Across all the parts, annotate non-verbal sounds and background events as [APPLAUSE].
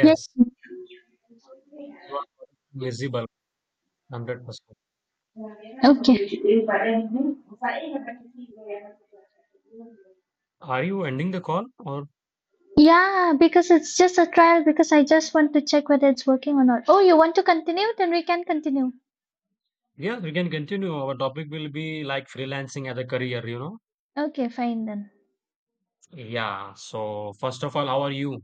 Yeah. you are visible 100%. Okay. Are you ending the call or Yeah, because it's just a trial because I just want to check whether it's working or not. Oh, you want to continue? Then we can continue. yeah, we can continue. Our topic will be like freelancing as a career, you know? Okay, fine then. Yeah. So first of all, how are you?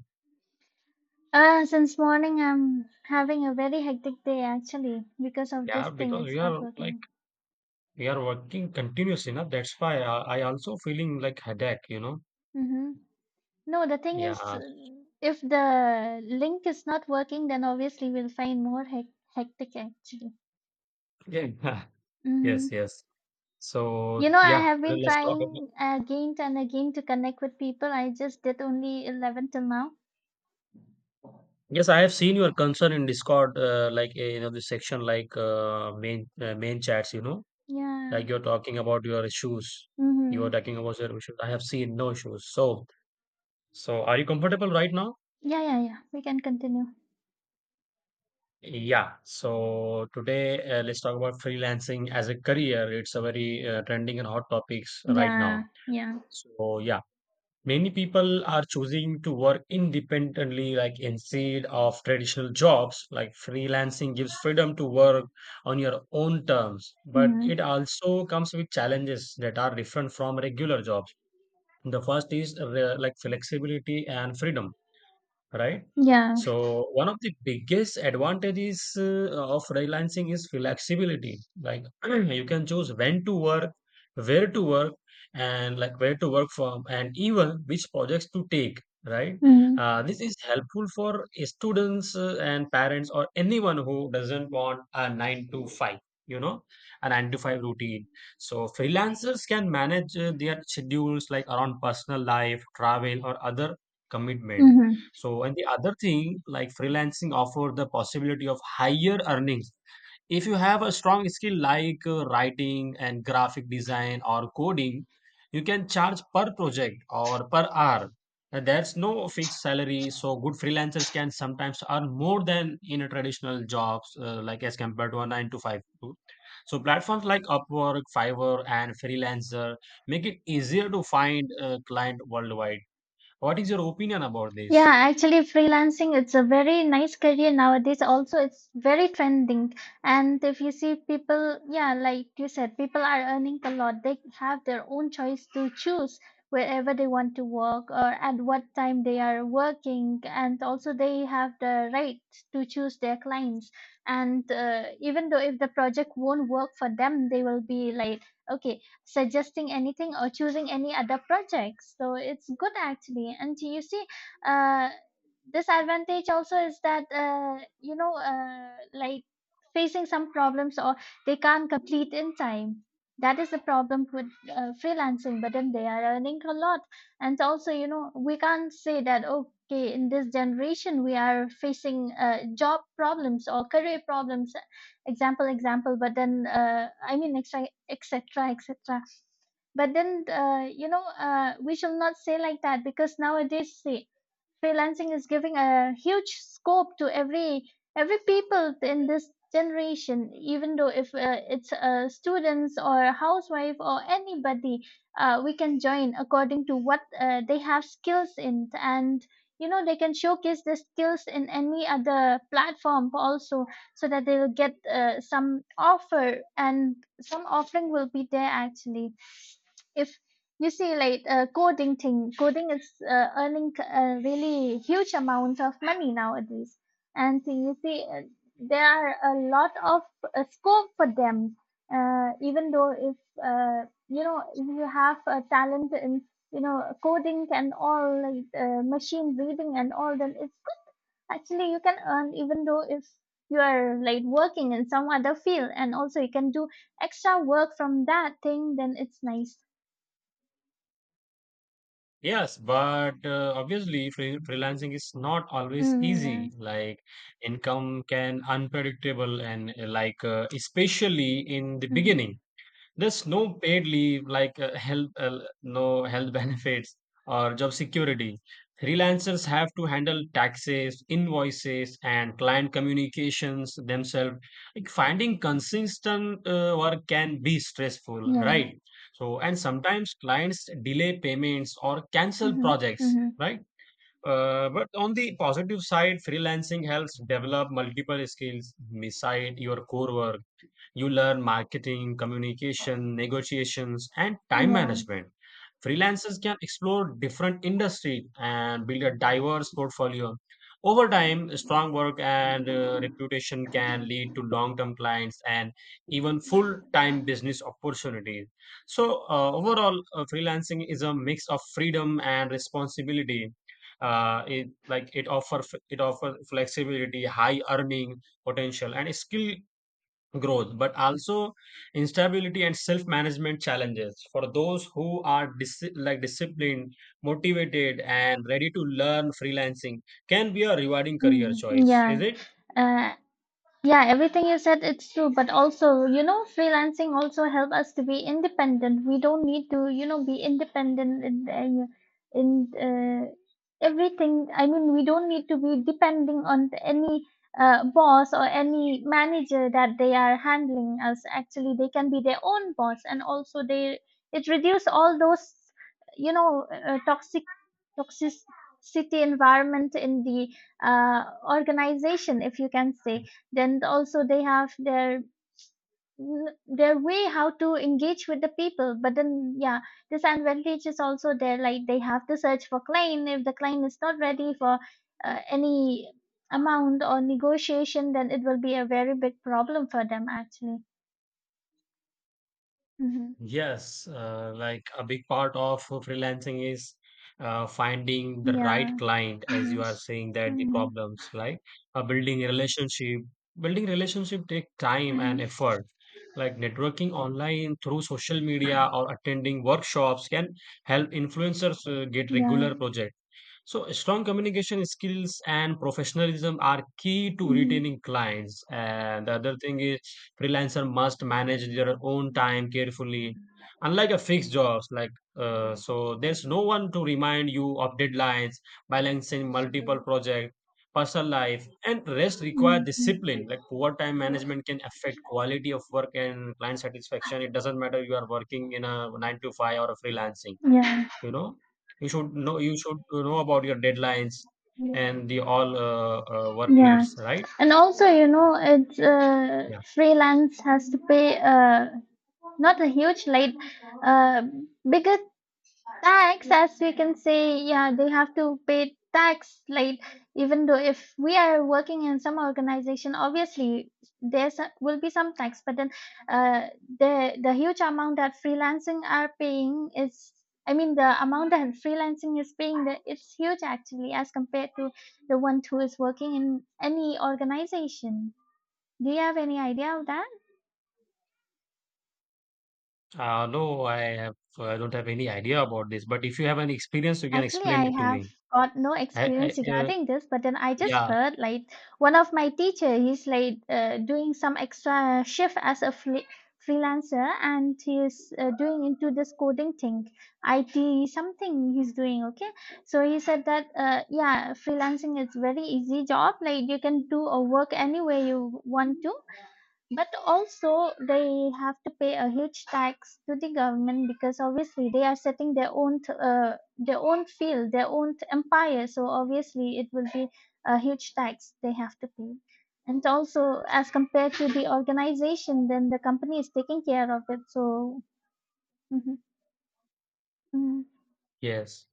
Since morning I'm having a very hectic day actually because of this Yeah, thing because it's not working. we are working continuously, enough. That's why I also feeling like headache, you know? Mm-hmm. No, the thing is Yeah. If the link is not working then obviously we'll find more hectic actually. Yeah. [LAUGHS] Mm-hmm. Yes, yes. So I yeah, have today been let's talk about. trying again and again to connect with people. I just did only 11 till now. Yes, I have seen your concern in Discord, like this section, like main chats. Yeah. Like you're talking about your issues, you are Mm-hmm. talking about your issues. I have seen no issues. So, are you comfortable right now? Yeah, yeah, yeah, we can continue. Yeah. So today, let's talk about freelancing as a career. It's a very trending and hot topics right Yeah, now. yeah. So yeah, many people are choosing to work independently, like instead of traditional jobs. Like freelancing gives freedom to work on your own terms, but Mm-hmm. it also comes with challenges that are different from regular jobs. The first is like flexibility and freedom, right? Yeah. So one of the biggest advantages of freelancing is flexibility. Like [CLEARS THROAT] you can choose when to work, where to work, and like where to work from, and even which projects to take. Right? Mm-hmm. This is helpful for students and parents or anyone who doesn't want a nine to five. You know, a nine to five routine. So freelancers can manage their schedules like around personal life, travel, or other commitment. Mm-hmm. So, and the other thing, like freelancing offer the possibility of higher earnings. If you have a strong skill like writing and graphic design or coding, you can charge per project or per hour. And there's no fixed salary, so good freelancers can sometimes earn more than in a traditional jobs, like as compared to a nine to five too. So platforms like Upwork, Fiverr, and Freelancer make it easier to find a client worldwide. What is your opinion about Yeah, this? actually, freelancing it's a very nice career nowadays. Also, it's very trending. And if you see people, yeah, like you said, people are earning a lot. They have their own choice to choose wherever they want to work or at what time they are working. And also, they have the right to choose their clients. And even though if the project won't work for them, they will be like, okay, suggesting anything or choosing any other projects. So it's good actually. And you see, uh, disadvantage also is that like facing some problems, or they can't complete in time. That is the problem with freelancing, but then they are earning a lot. And also, you know, we can't say that okay, in this generation we are facing job problems or career problems, example example, but then I mean, etc etc etc, but then we shall not say like that, because nowadays, see, freelancing is giving a huge scope to every people in this generation, even though if it's a students or a housewife or anybody, we can join according to what they have skills in. And you know, they can showcase their skills in any other platform also, so that they will get some offer, and some offering will be there actually. If you see like coding is earning a really huge amount of money nowadays. And so you see, there are a lot of scope for them. Uh, even though if you know if you have a talent in, you know, coding and all, like machine reading and all, then it's good actually. You can earn even though if you are like working in some other field, and also you can do extra work from that thing. Then it's nice. Yes, but obviously freelancing is not always Mm, yeah. easy. Like income can unpredictable and like especially in the Mhm. beginning. There's no paid leave like no health [LAUGHS] benefits or job security. Freelancers have to handle taxes, invoices, and client communications themselves. Like finding consistent work can be stressful, Yeah. right? So, and sometimes clients delay payments or cancel Mhm. projects, Mhm. right? But on the positive side, freelancing helps develop multiple skills beside your core work. You learn marketing, communication, negotiations, and time Yeah. management. Freelancers can explore different industries and build a diverse portfolio. Over time, strong work and reputation can lead to long term clients and even full time business opportunities. So, overall, freelancing is a mix of freedom and responsibility. Uh, it like it offer it offer flexibility, high earning potential, and skill growth, but also instability and self-management challenges for those who are like disciplined, motivated, and ready to learn. Freelancing can be a rewarding career Mhm. choice, is Yeah. it? Uh, Yeah, everything you said, it's true. But also, you know, freelancing also help us to be independent. We don't need to, you know, be independent in in, uh, everything. I mean, we don't need to be depending on any boss or any manager that they are handling us. Actually, they can be their own boss, and also they, it reduce all those, you know, toxic toxicity environment in the uh, organization, if you can say. Then also they have their way how to engage with the people. But then yeah, disadvantage is also there, like they have to search for client. If the client is not ready for any amount or negotiation, then it will be a very big problem for them actually. Hmm. Yes, like a big part of freelancing is finding the right Yeah. client, as Hmm. you are saying that the Hmm. problems, like building a relationship. Building relationship take time and Hmm. effort. Like networking online through social media or attending workshops can help influencers get Yeah. regular projects. So strong communication skills and professionalism are key to Hmm. retaining clients. And the other thing is freelancer must manage their own time carefully, unlike a fixed jobs. Like so there's no one to remind you of deadlines, balancing multiple projects, personal life, and rest require Hmm. discipline. Like poor time management can affect quality of work and client satisfaction. It doesn't matter you are working in a 9 to 5 or a freelancing. Yeah. You know, you should know about your deadlines and the all work Yeah, needs, right? and also, you know, it's Yeah. freelance has to pay not a huge late, uh, bigger tax, as we can say. Yeah, they have to pay tax late. Even though if we are working in some organization, obviously there will be some tax, but then uh, the huge amount that freelancing are paying is, I mean, the amount that freelancing is paying the, it's huge actually as compared to the one who is working in any organization. Do you have any idea of that? No, I don't have any idea about this, but if you have any experience, you can Actually, explain I it to have me. got no I, experience I, uh, regarding this, but then I just yeah, heard like one of my teacher, he's like doing some extra shift as a fle freelancer, and he is doing into this coding thing, IT something he's doing. Okay, so he said that yeah, freelancing is very easy job. Like you can do or work anywhere you want to, but also they have to pay a huge tax to the government, because obviously they are setting their own field, their own empire. So obviously it will be a huge tax they have to pay. And also as compared to the organization, then the company is taking care of it. So hmm. Mm. yes.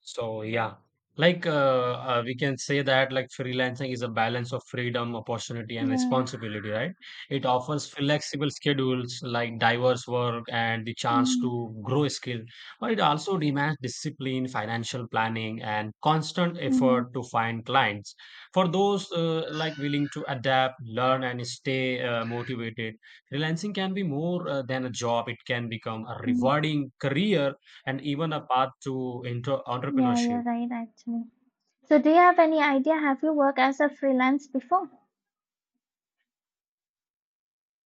So yeah, like we can say that like freelancing is a balance of freedom, opportunity, and Yeah, responsibility, right? It offers flexible schedules, like diverse work and the chance mm-hmm, to grow skill, but it also demands discipline, financial planning, and constant mm-hmm. effort to find clients. For those like willing to adapt, learn, and stay motivated, freelancing can be more than a job. It can become a Mm. rewarding career and even a path to into Yeah, you're entrepreneurship. right actually. So do you have any idea? Have you worked as a freelance before?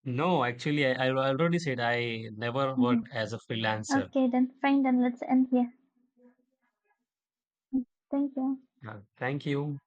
No, actually, I already said I never Hmm. worked as a freelancer. Okay, then fine. Then let's end here. Mm, thank you. Thank you.